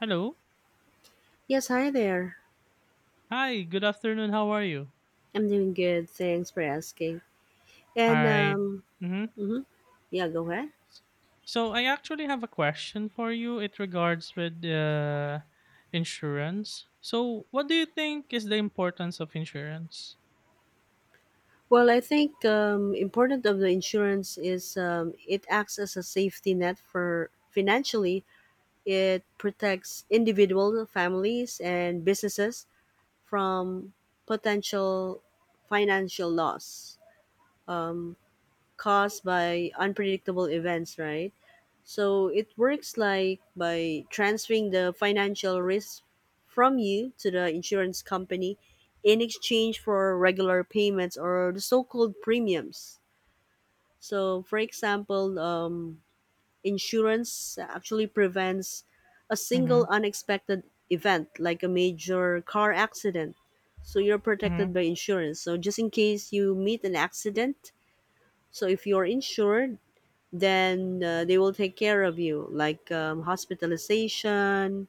Hello. Yes, hi there. Hi, good afternoon. How are you? I'm doing good. Thanks for asking. All And right. um, Mm-hmm. mhm. Yeah, Go ahead. So I actually have a question for you. It regards with insurance. So what do you think is the importance of insurance? Well, I think important of the insurance is it acts as a safety net for financially. It protects individual families and businesses from potential financial loss um, caused by unpredictable events, right? So it works like by transferring the financial risk from you to the insurance company in exchange for regular payments or the so-called premiums. So, for example, insurance actually prevents a Mm-hmm. single unexpected event like a major car accident. So you're Mm-hmm. protected by insurance. So just in case you meet an accident, so if you're insured, then they will take care of you, like hospitalization,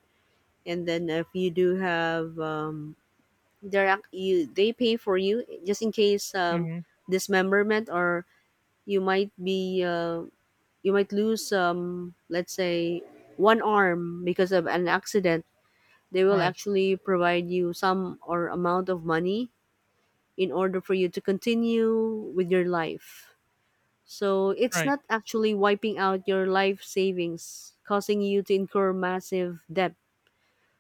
and then if you do have, you they pay for you just in case Mm-hmm. dismemberment or you might be you might lose let's say one arm because of an accident. They will Right. actually provide you some or amount of money in order for you to continue with your life. So it's Right. not actually wiping out your life savings, causing you to incur massive debt.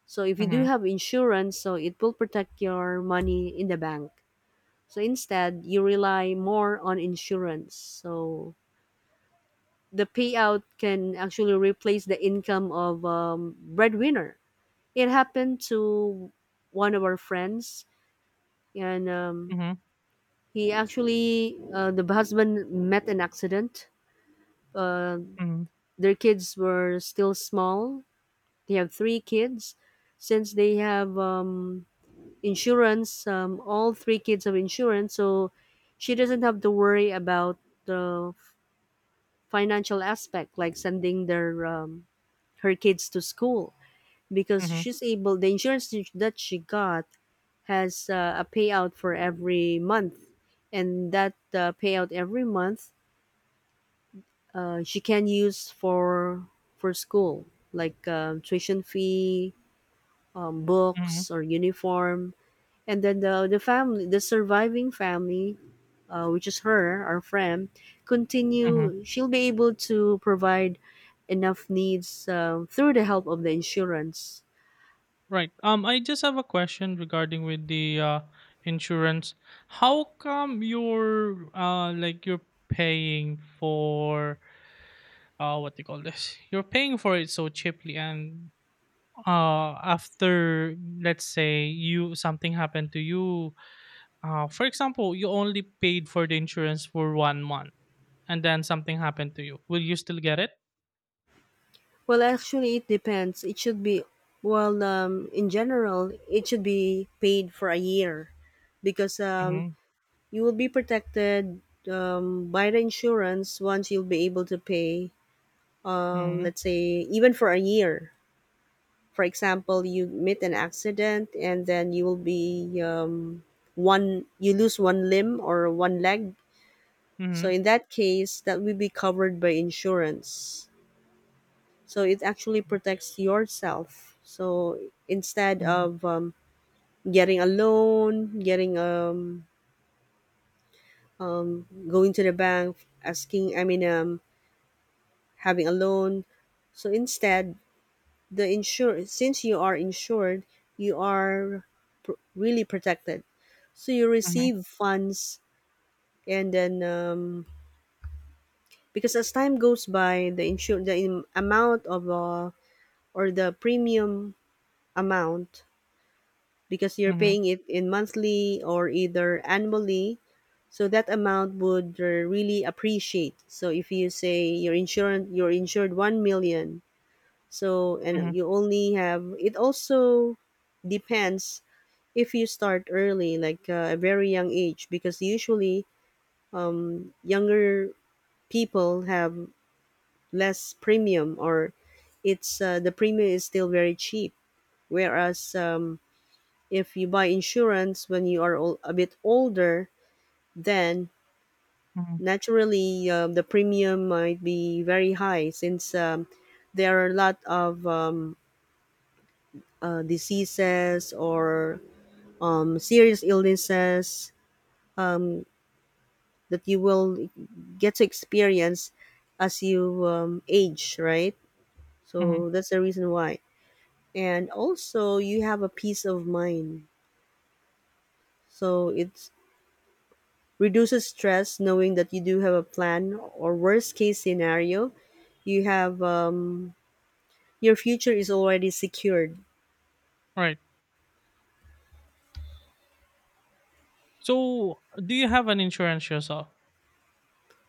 So if you do Mm-hmm. have insurance, so it will protect your money in the bank. So instead, you rely more on insurance. So the payout can actually replace the income of breadwinner. It happened to one of our friends, and Mm-hmm. he actually the husband met an accident. Uh, Mm-hmm. their kids were still small. They have three kids. Since they have insurance, all three kids have insurance, so she doesn't have to worry about the financial aspect, like sending their her kids to school, because Mm-hmm. she's able. The insurance that she got has a payout for every month, and that payout every month she can use for school like tuition fee, Mm-hmm. books or uniform, and then the surviving family, which is her our friend, Mm-hmm. continue she'll be able to provide enough needs through the help of the insurance. Right. I just have a question regarding with the insurance. How come you're like you're paying for, what do you call this, you're paying for it so cheaply, and after, let's say, you, something happened to you. For example, you only paid for the insurance for 1 month, and then something happened to you, will you still get it? Well, actually it depends. It should be, well, in general it should be paid for a year, because Mm-hmm, you will be protected by the insurance once you'll be able to pay, mm-hmm, let's say, even for a year. For example, you meet an accident and then you will be one, you lose one limb or one leg. mm-hmm, So in that case, that will be covered by insurance. So it actually protects yourself. So instead mm-hmm, of getting a loan, getting going to the bank, asking, I mean, having a loan. So instead, the insure since you are insured, you are really protected. So you mm-hmm, receive funds, and then because as time goes by, the amount of or the premium amount, because you're mm-hmm, mm-hmm. paying it in monthly or either annually. So that amount would really appreciate. So if you say your insurance, you're insured 1 million. So, and Mm-hmm. you only have, it also depends if you start early, like a very young age, because usually younger people have less premium, or it's the premium is still very cheap. Whereas if you buy insurance when you are a bit older, then Mm-hmm. naturally the premium might be very high, since there are a lot of diseases or serious illnesses that you will get to experience as you age, right? Mm-hmm. So that's the reason why. And also, you have a peace of mind. So it reduces stress knowing that you do have a plan, or worst case scenario, you have your future is already secured. Right. So, do you have an insurance yourself?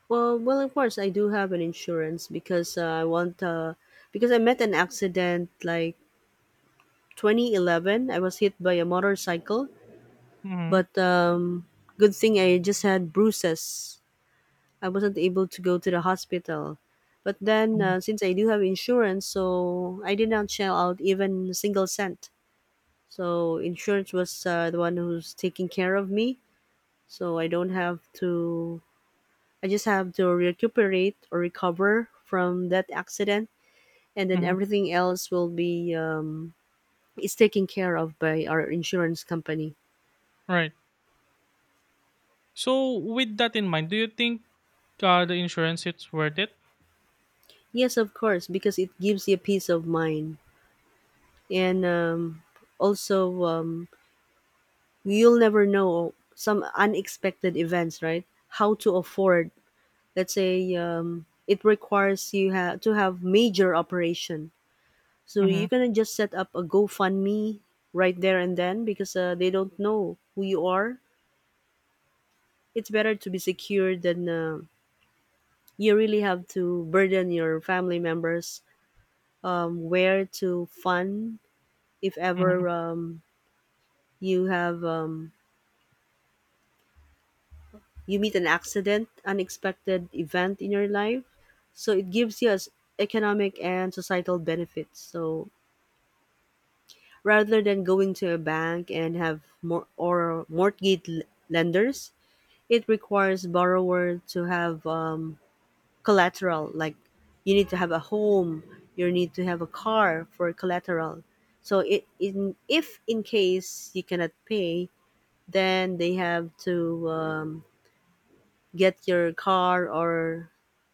Well, well, of course, I do have an insurance because I want because I met an accident like 2011. I was hit by a motorcycle, Mm-hmm. but good thing I just had bruises. I wasn't able to go to the hospital, but then since I do have insurance, so I did not shell out even a single cent. So insurance was the one who's taking care of me, so I don't have to, I just have to recuperate or recover from that accident, and then Mm-hmm. everything else will be is taken care of by our insurance company. Right. So, with that in mind, do you think the insurance it's worth it? Yes, of course, because it gives you peace of mind. And also, you'll never know some unexpected events, right? How to afford, let's say, it requires you to have major operation. So Mm-hmm. you can just set up a GoFundMe right there and then because they don't know who you are. It's better to be secure than you really have to burden your family members where to fund if Mm-hmm. ever you have you meet an accident unexpected event in your life. So it gives you as economic and societal benefits. So rather than going to a bank and have more or mortgage lenders, it requires borrower to have collateral, like you need to have a home, you need to have a car for collateral. So it in if in case you cannot pay, then they have to um, get your car or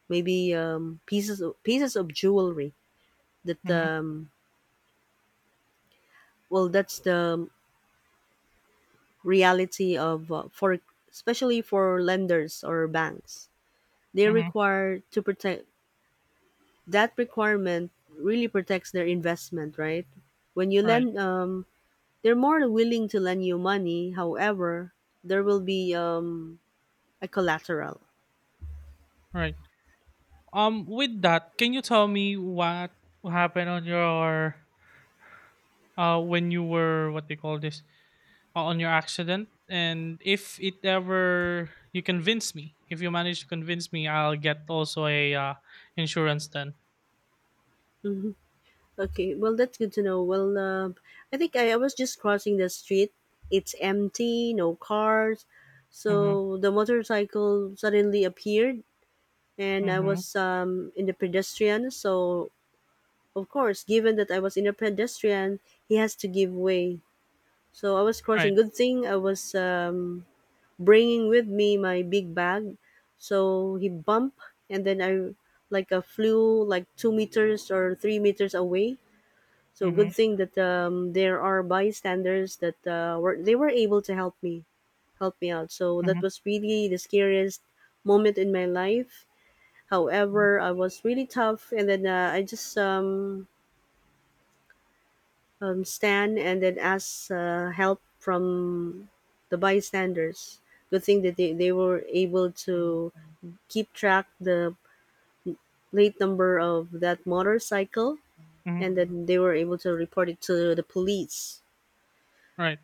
maybe pieces of jewelry that Mm-hmm. Well, that's the reality of for, especially for lenders or banks, they Mm-hmm. require to protect that requirement. Really protects their investment, right? When you Right. lend, they're more willing to lend you money. However, there will be a collateral. Right. With that, can you tell me what happened on your when you were, what they call this, on your accident, and if it ever you convince me, if you manage to convince me, I'll get also a insurance then. Okay, well, that's good to know. Well, I think I was just crossing the street. It's empty, no cars. Mhm, So the motorcycle suddenly appeared, and I mhm, was in the pedestrian. So, of course, given that I was in a pedestrian, he has to give way. So I was right. crossing. Good thing I was bringing with me my big bag. So he bumped, and then I, like flew like 2 meters or 3 meters away. So good Mhm, thing that there are bystanders that were they were able to help me, help me out. So that mhm, was really the scariest moment in my life. mhm, However, I was really tough, and then I just stand and then ask help from the bystanders. Good thing that they were able to keep track the plate number of that motorcycle, mhm, and then they were able to report it to the police. right.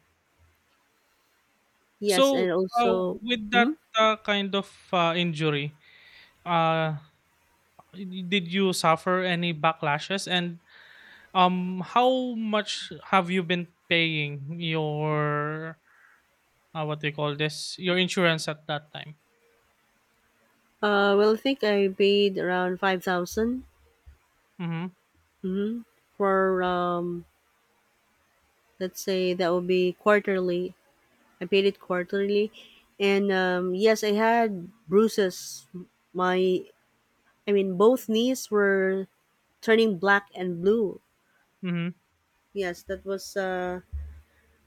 Yes, So, and uh, also. with Mhm. that, kind of, injury, uh, I did you suffer any backlashes? And, how much have you been paying your, what do you call this, your insurance at that time? Well, I think I paid around 5,000. Mhm, Mm-hmm. For let's say that would be quarterly. I paid it quarterly, and yes, I had bruises. My, I mean, both knees were turning black and blue. mhm, Yes, that was.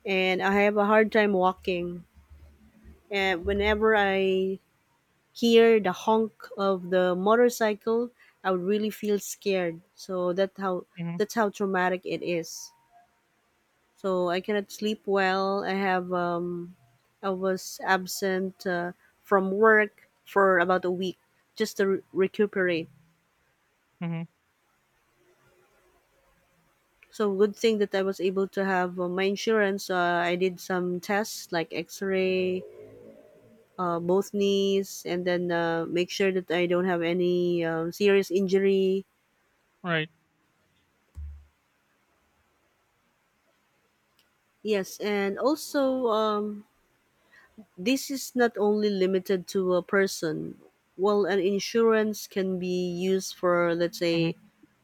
And I have a hard time walking. And whenever I hear the honk of the motorcycle, I would really feel scared. So mhm, that's how traumatic it is. So I cannot sleep well. I have I was absent from work for about a week just to recuperate. mhm, So good thing that I was able to have my insurance. I did some tests like X-ray, both knees, and then make sure that I don't have any serious injury. right. Yes, and also this is not only limited to a person. Well, an insurance can be used for, let's Mhm, say,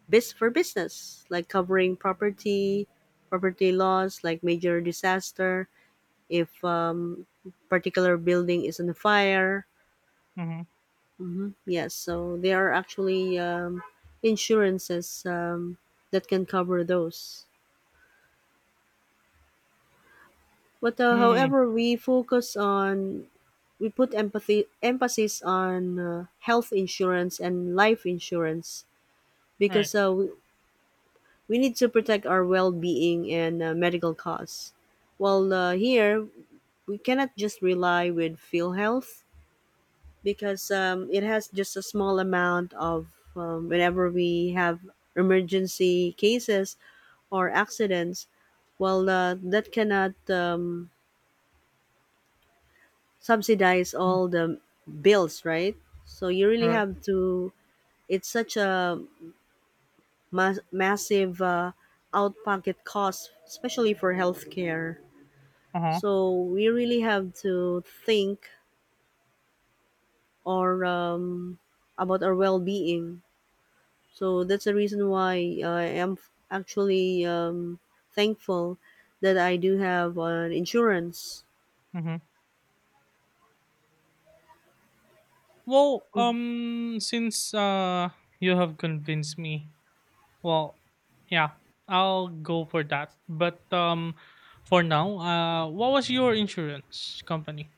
bus for business, like covering property, property laws, like major disaster, if particular building is on fire. mhm, Hmm. Yes, so there are actually insurances that can cover those. But mm, however, we focus on, we put empathy emphasis on health insurance and life insurance, right. because we need to protect our well being and medical costs. While here, we cannot just rely with PhilHealth because it has just a small amount of whenever we have emergency cases or accidents. Well, that cannot subsidize Mm, all the bills, right? So you really right. have to. It's such a massive out-pocket cost, especially for healthcare. Uh-huh, So we really have to think or about our well-being. So that's the reason why I am actually thankful that I do have an insurance. mhm. Well, since you have convinced me, well, yeah, I'll go for that. But for now, what was your insurance company?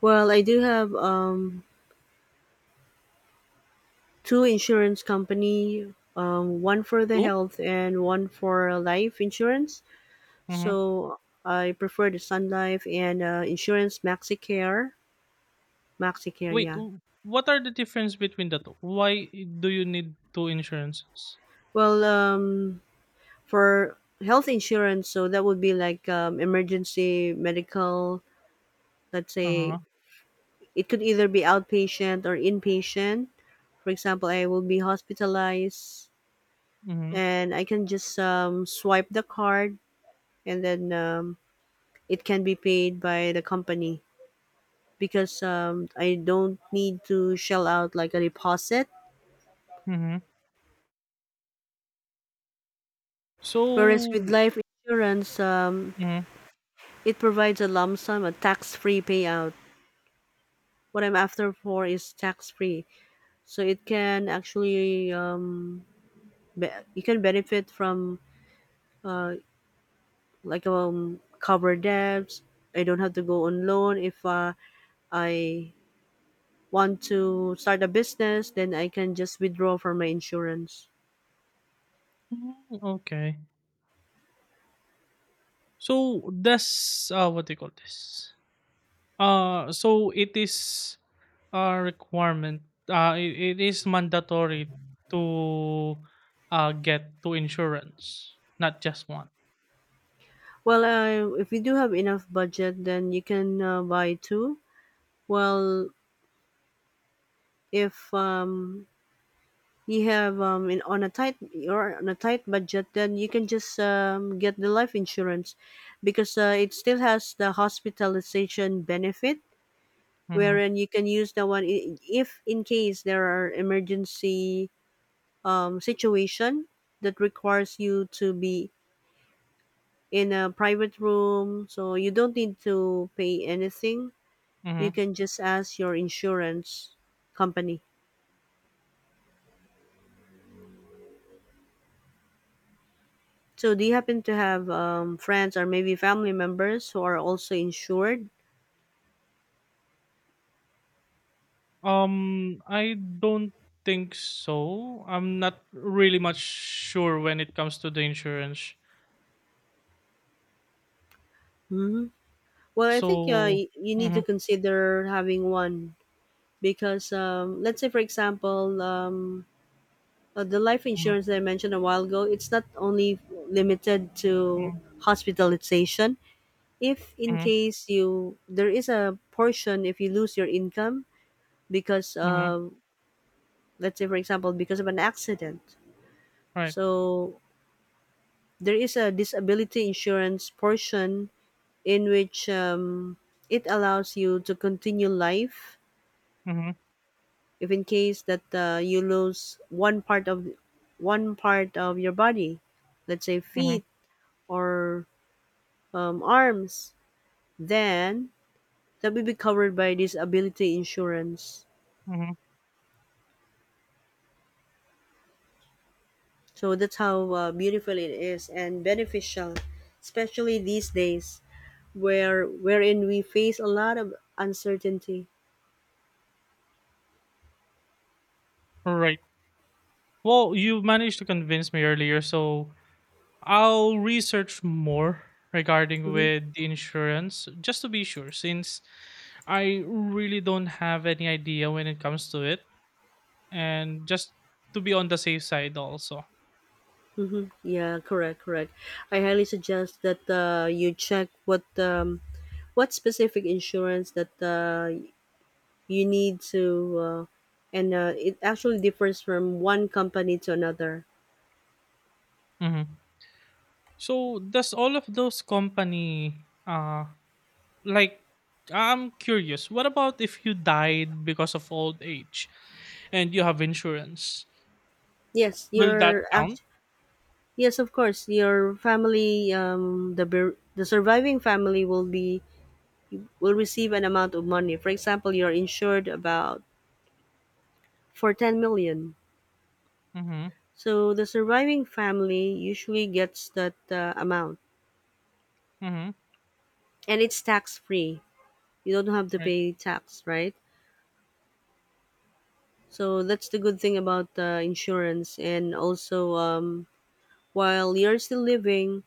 Well, I do have two insurance company, one for the Two. health and one for life insurance. Mm-hmm. So I prefer the Sun Life and Insurance MaxiCare. MaxiCare, Wait, yeah. What are the difference between the two? Why do you need two insurances? Well, for health insurance, so that would be like emergency medical. Let's Uh say huh. it could either be outpatient or inpatient. For example, I will be hospitalized, Mm-hmm. and I can just swipe the card, and then it can be paid by the company because I don't need to shell out like a deposit. Mm-hmm. So, Whereas with life insurance, mm-hmm. it provides a lump sum, a tax-free payout. What I'm after for is tax-free. So it can actually you can benefit from uh, like cover debts. I don't have to go on loan if I want to start a business. Then I can just withdraw from my insurance. Mm-hmm. Okay. So does what do you call this? So it is a requirement. It is mandatory to get two insurance, not just one. Well, if you do have enough budget, then you can buy two. Well, if you're on a tight budget, then you can just get the life insurance because it still has the hospitalization benefit, Mm-hmm. wherein you can use the one if in case there are emergency situation that requires you to be in a private room, so you don't need to pay anything. You Mm-hmm. can just ask your insurance company. So, do you happen to have friends or maybe family members who are also insured? I don't think so. I'm not really much sure when it comes to the insurance. Hmm. Well, I think So, you need mm-hmm, to consider having one because, let's say, for example, the life mm-hmm, insurance that I mentioned a while ago, it's not only limited to mm-hmm, hospitalization. If in mm-hmm, case you there is a portion if you lose your income because, mm-hmm. Let's say, for example, because of an accident, Right. so there is a disability insurance portion in which it allows you to continue life Mm-hmm, if in case that you lose one part of your body, let's say mm-hmm, feet or arms, then that will be covered by disability insurance. mm-hmm. So that's how beautiful it is, and beneficial especially these days wherein we face a lot of uncertainty. Right. Well, you managed to convince me earlier, so I'll research more regarding Mm-hmm. with the insurance just to be sure since I really don't have any idea when it comes to it and just to be on the safe side also. Mm-hmm. Yeah, correct, correct. I highly suggest that you check what specific insurance that you need to, and it actually differs from one company to another. Mhm. So does all of those company like I'm curious, what about if you died because of old age and you have insurance? Yes, Will that your act- count? yes, of course, your family, um, the surviving family will be, will receive an amount of money. For example, you're insured about for 10 million. Mm-hmm. So the surviving family usually gets that amount, Mm-hmm. and it's tax free. You don't have to Right. pay tax, right? So that's the good thing about insurance. And also, while you're still living,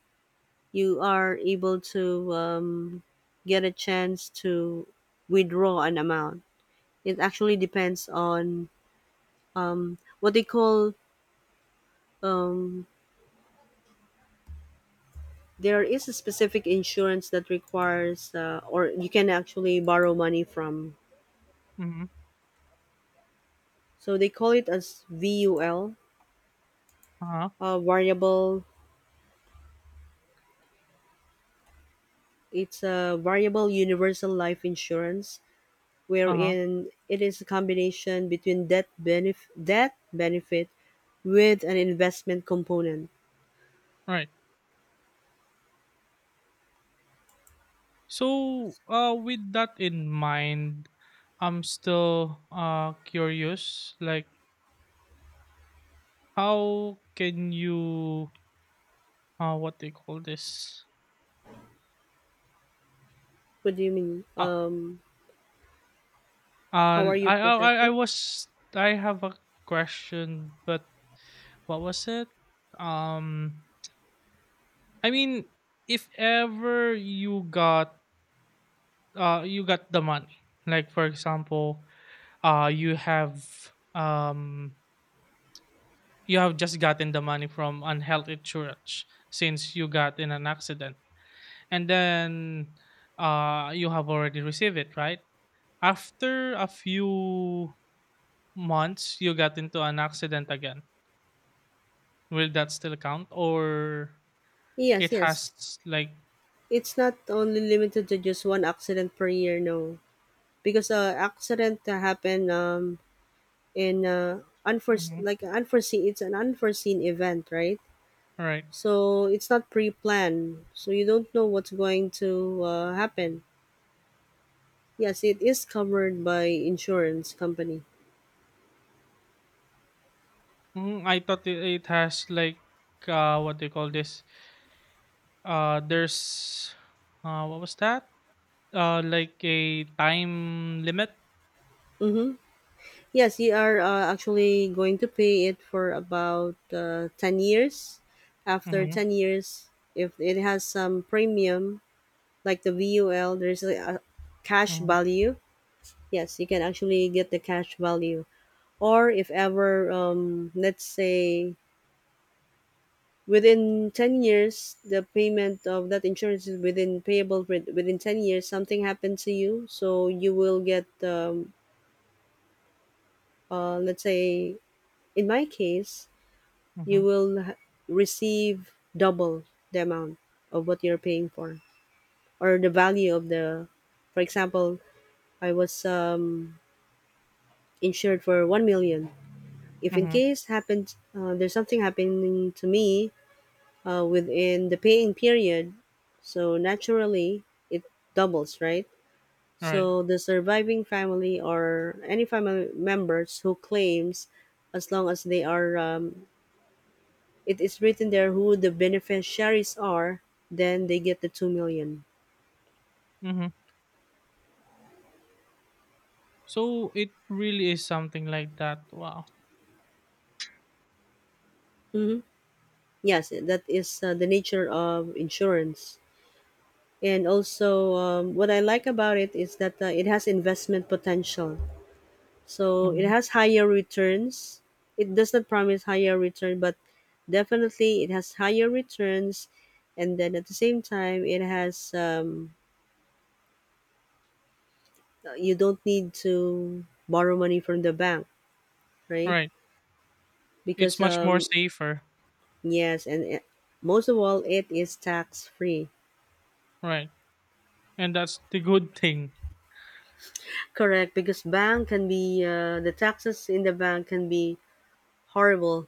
you are able to get a chance to withdraw an amount. It actually depends on what they call. Um, there is a specific insurance that requires, or you can actually borrow money from. Mm-hmm. So they call it as VUL, Uh-huh. Variable it's a variable universal life insurance, Uh-huh. wherein it is a combination between death benefit with an investment component. Right. So with that in mind, I'm still curious. Like how can you what do you call this? What do you mean? How Uh, are you I I I I protected? was I have a question, but what was it? Um, I mean, if ever you got the money, like for example, uh you have um you have just gotten the money from unhealth insurance since you got in an accident, and then you have already received it, right? After a few months, you got into an accident again. Will that still count, or Yes, it yes. has like? It's not only limited to just one accident per year, no. Because accident to happen in unforeseen Mhm, like unforeseen, it's an unforeseen event, right? right. So it's not pre-planned. So you don't know what's going to happen. Yes, it is covered by insurance company. Mm, I thought it has like, what do you call this? There's, what was that? Like a time limit? Mm-hmm. Yes, you are actually going to pay it for about 10 years. After Mhm, 10 years, if it has some premium, like the VUL, there's a cash mhm, value. Yes, you can actually get the cash value. Or if ever, let's say, within 10 years, the payment of that insurance is within payable within 10 years, something happened to you, so you will get let's say in my case, you mhm, will h- receive double the amount of what you're paying for, or the value of the, for example, I was insured for 1 million. If in mhm, case happens, there's something happening to me within the paying period, so naturally it doubles, right? right, So the surviving family or any family members who claims, as long as they are, it is written there who the beneficiaries are, then they get the 2 million. mhm. So it really is something like that. Wow. Mm-hmm. Yes, that is the nature of insurance. And also, what I like about it is that it has investment potential. So it Mhm, has higher returns. It does not promise higher return, but definitely it has higher returns. And then at the same time, it has you don't need to borrow money from the bank, right? right. It's Because much more safer. Yes, and most of all, it is tax free. Right. And that's the good thing. Correct, because bank can be the taxes in the bank can be horrible.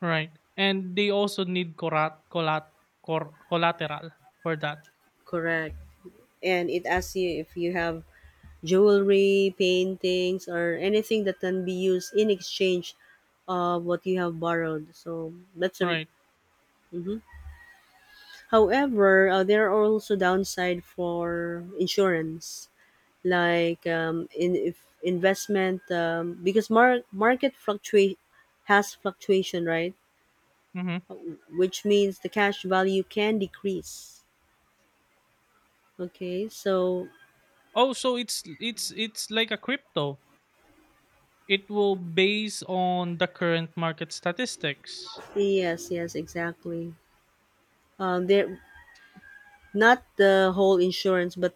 Right, and they also need corat collat cor collateral for that, Correct, and it asks you if you have jewelry, paintings, or anything that can be used in exchange of what you have borrowed. So that's a. right? Mhm. However, there are also downside for insurance, like in if investment, because market fluctuate has fluctuation, right? Mhm. Which means the cash value can decrease. Okay, so Oh, so it's like a crypto. It will base on the current market statistics. yes, yes, exactly. There, not the whole insurance, but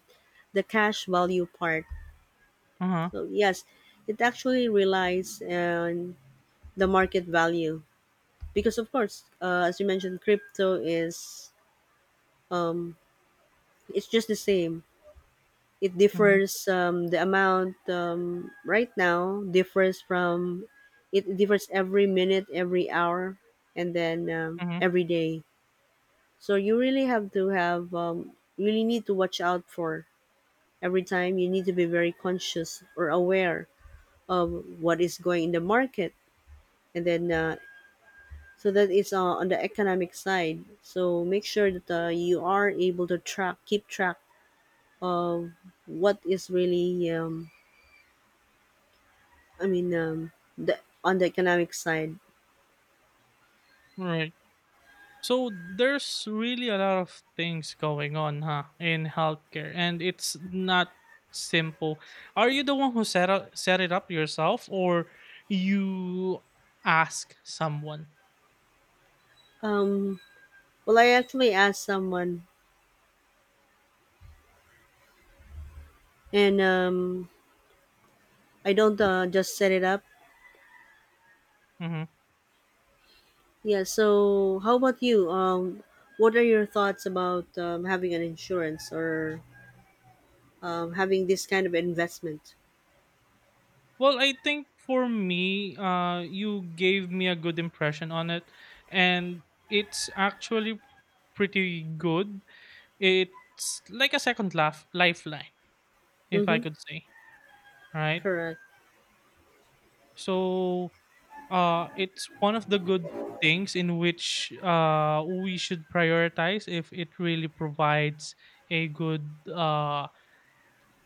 the cash value part. Uh-huh. So yes, it actually relies on the market value, because of course, as you mentioned, crypto is, um, it's just the same. It Mhm, differs, the amount right now differs from, it differs every minute, every hour, and then mhm. every day. So you really have to have, you really need to watch out for, every time you need to be very conscious or aware of what is going in the market, and then so that it's on the economic side, so make sure that you are able to track keep track of what is really, I mean, um, the on the economic side. Right. So there's really a lot of things going on, huh, in healthcare, and it's not simple. Are you the one who set it up yourself, or you ask someone? Um, well, I actually asked someone, and I don't just set it up. Hmm. Yeah. So, how about you? What are your thoughts about having an insurance or having this kind of investment? Well, I think for me, you gave me a good impression on it, and it's actually pretty good. It's like a second laugh lifeline, if I Mm-hmm. could say, right? Correct. So, it's one of the good things in which we should prioritize if it really provides a good,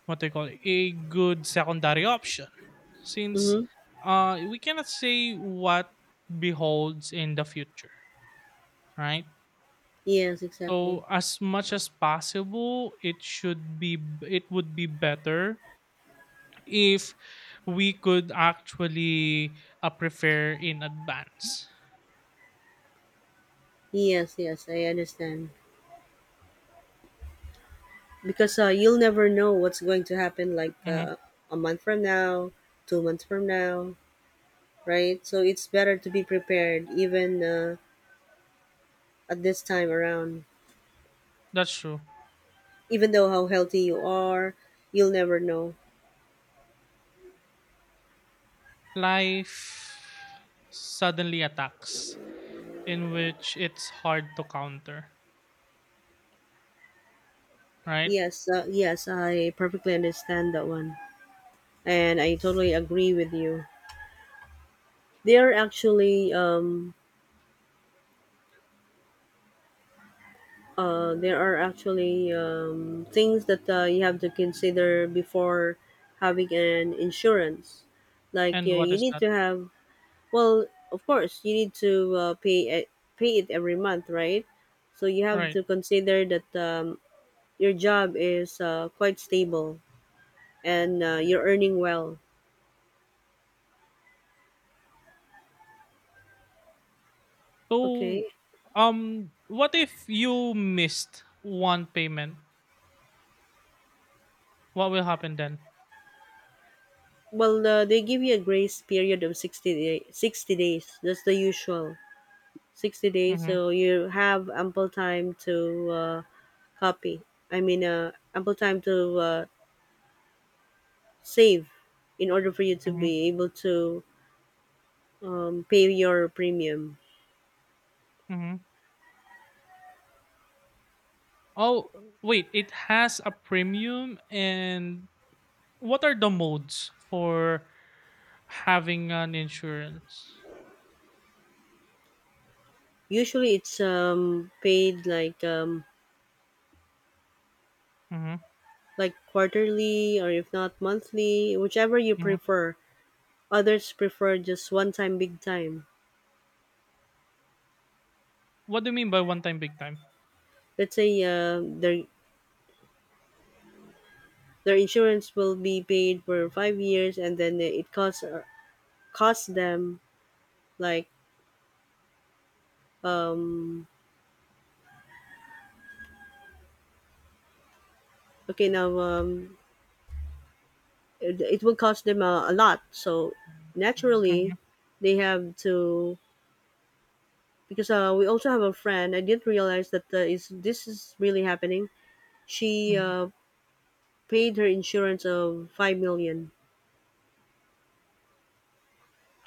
what they call it, a good secondary option, since Mm-hmm. We cannot say what beholds in the future, right? Yes. Exactly. So as much as possible, it would be better if we could actually, prepare in advance. Yes. Yes, I understand, because you'll never know what's going to happen, like Mhm, a month from now, 2 months from now. Right? So it's better to be prepared even at this time around. that's true. Even though how healthy you are, you'll never know. Life suddenly attacks in which it's hard to counter, right? Yes, yes, I perfectly understand that one, and I totally agree with you. There are actually things that you have to consider before having an insurance. Like And what you is need that? to have. Well, of course, you need to pay it every month, right? So you have Right. to consider that your job is quite stable, and you're earning well. Okay. So, what if you missed one payment? What will happen then? Well, they give you a grace period of 60 days. That's the usual. 60 days. Mm-hmm, So you have ample time to copy. Ample time to save in order for you to mm-hmm, be able to pay your premium. mm-hmm. Oh, wait, it has a premium. And what are the modes for having an insurance? Usually it's paid like Mm-hmm, quarterly, or if not monthly, whichever you mm-hmm. prefer. Others prefer just one time big time. What do you mean by one time, big time? Let's say their insurance will be paid for 5 years, and then it costs costs them, like, um okay now it will cost them a lot. So Mm-hmm, naturally they have to, because we also have a friend. I didn't realize that is really happening. She mm-hmm. uh, paid her insurance of 5 million,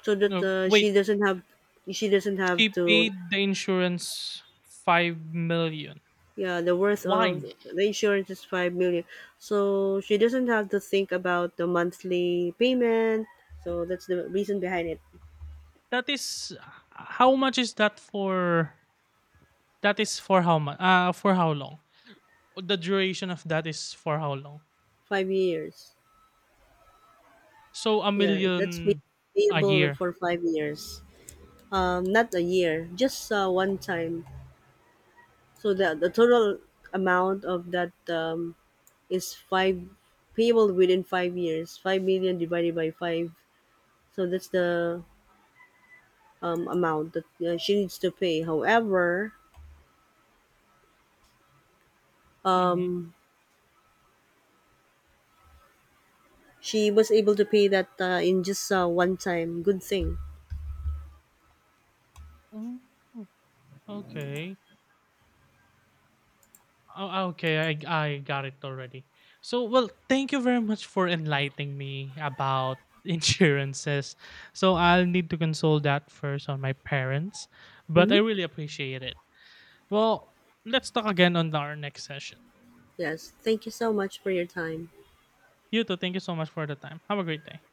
so that No, wait, she doesn't have she to, paid the insurance 5 million. yeah, the worth Why? of the insurance is 5 million, so she doesn't have to think about the monthly payment. So that's the reason behind it. That is, how much is that for? That is for how much? For how long? The duration of that is for how long? 5 years. So a Yeah, that's million a payable year. for 5 years. Not a year, just one time. So the total amount of that is five, payable within 5 years. 5 million divided by five, so that's the amount that she needs to pay. However, Mhm. um, she was able to pay that in just one time. Good thing. mm Okay. Oh, ah, okay, I got it already. So, well, thank you very much for enlightening me about insurances. So, I'll need to consult that first on my parents, but Mm-hmm. I really appreciate it. Well, let's talk again on our next session. Yes. Thank you so much for your time. You too, thank you so much for the time. Have a great day.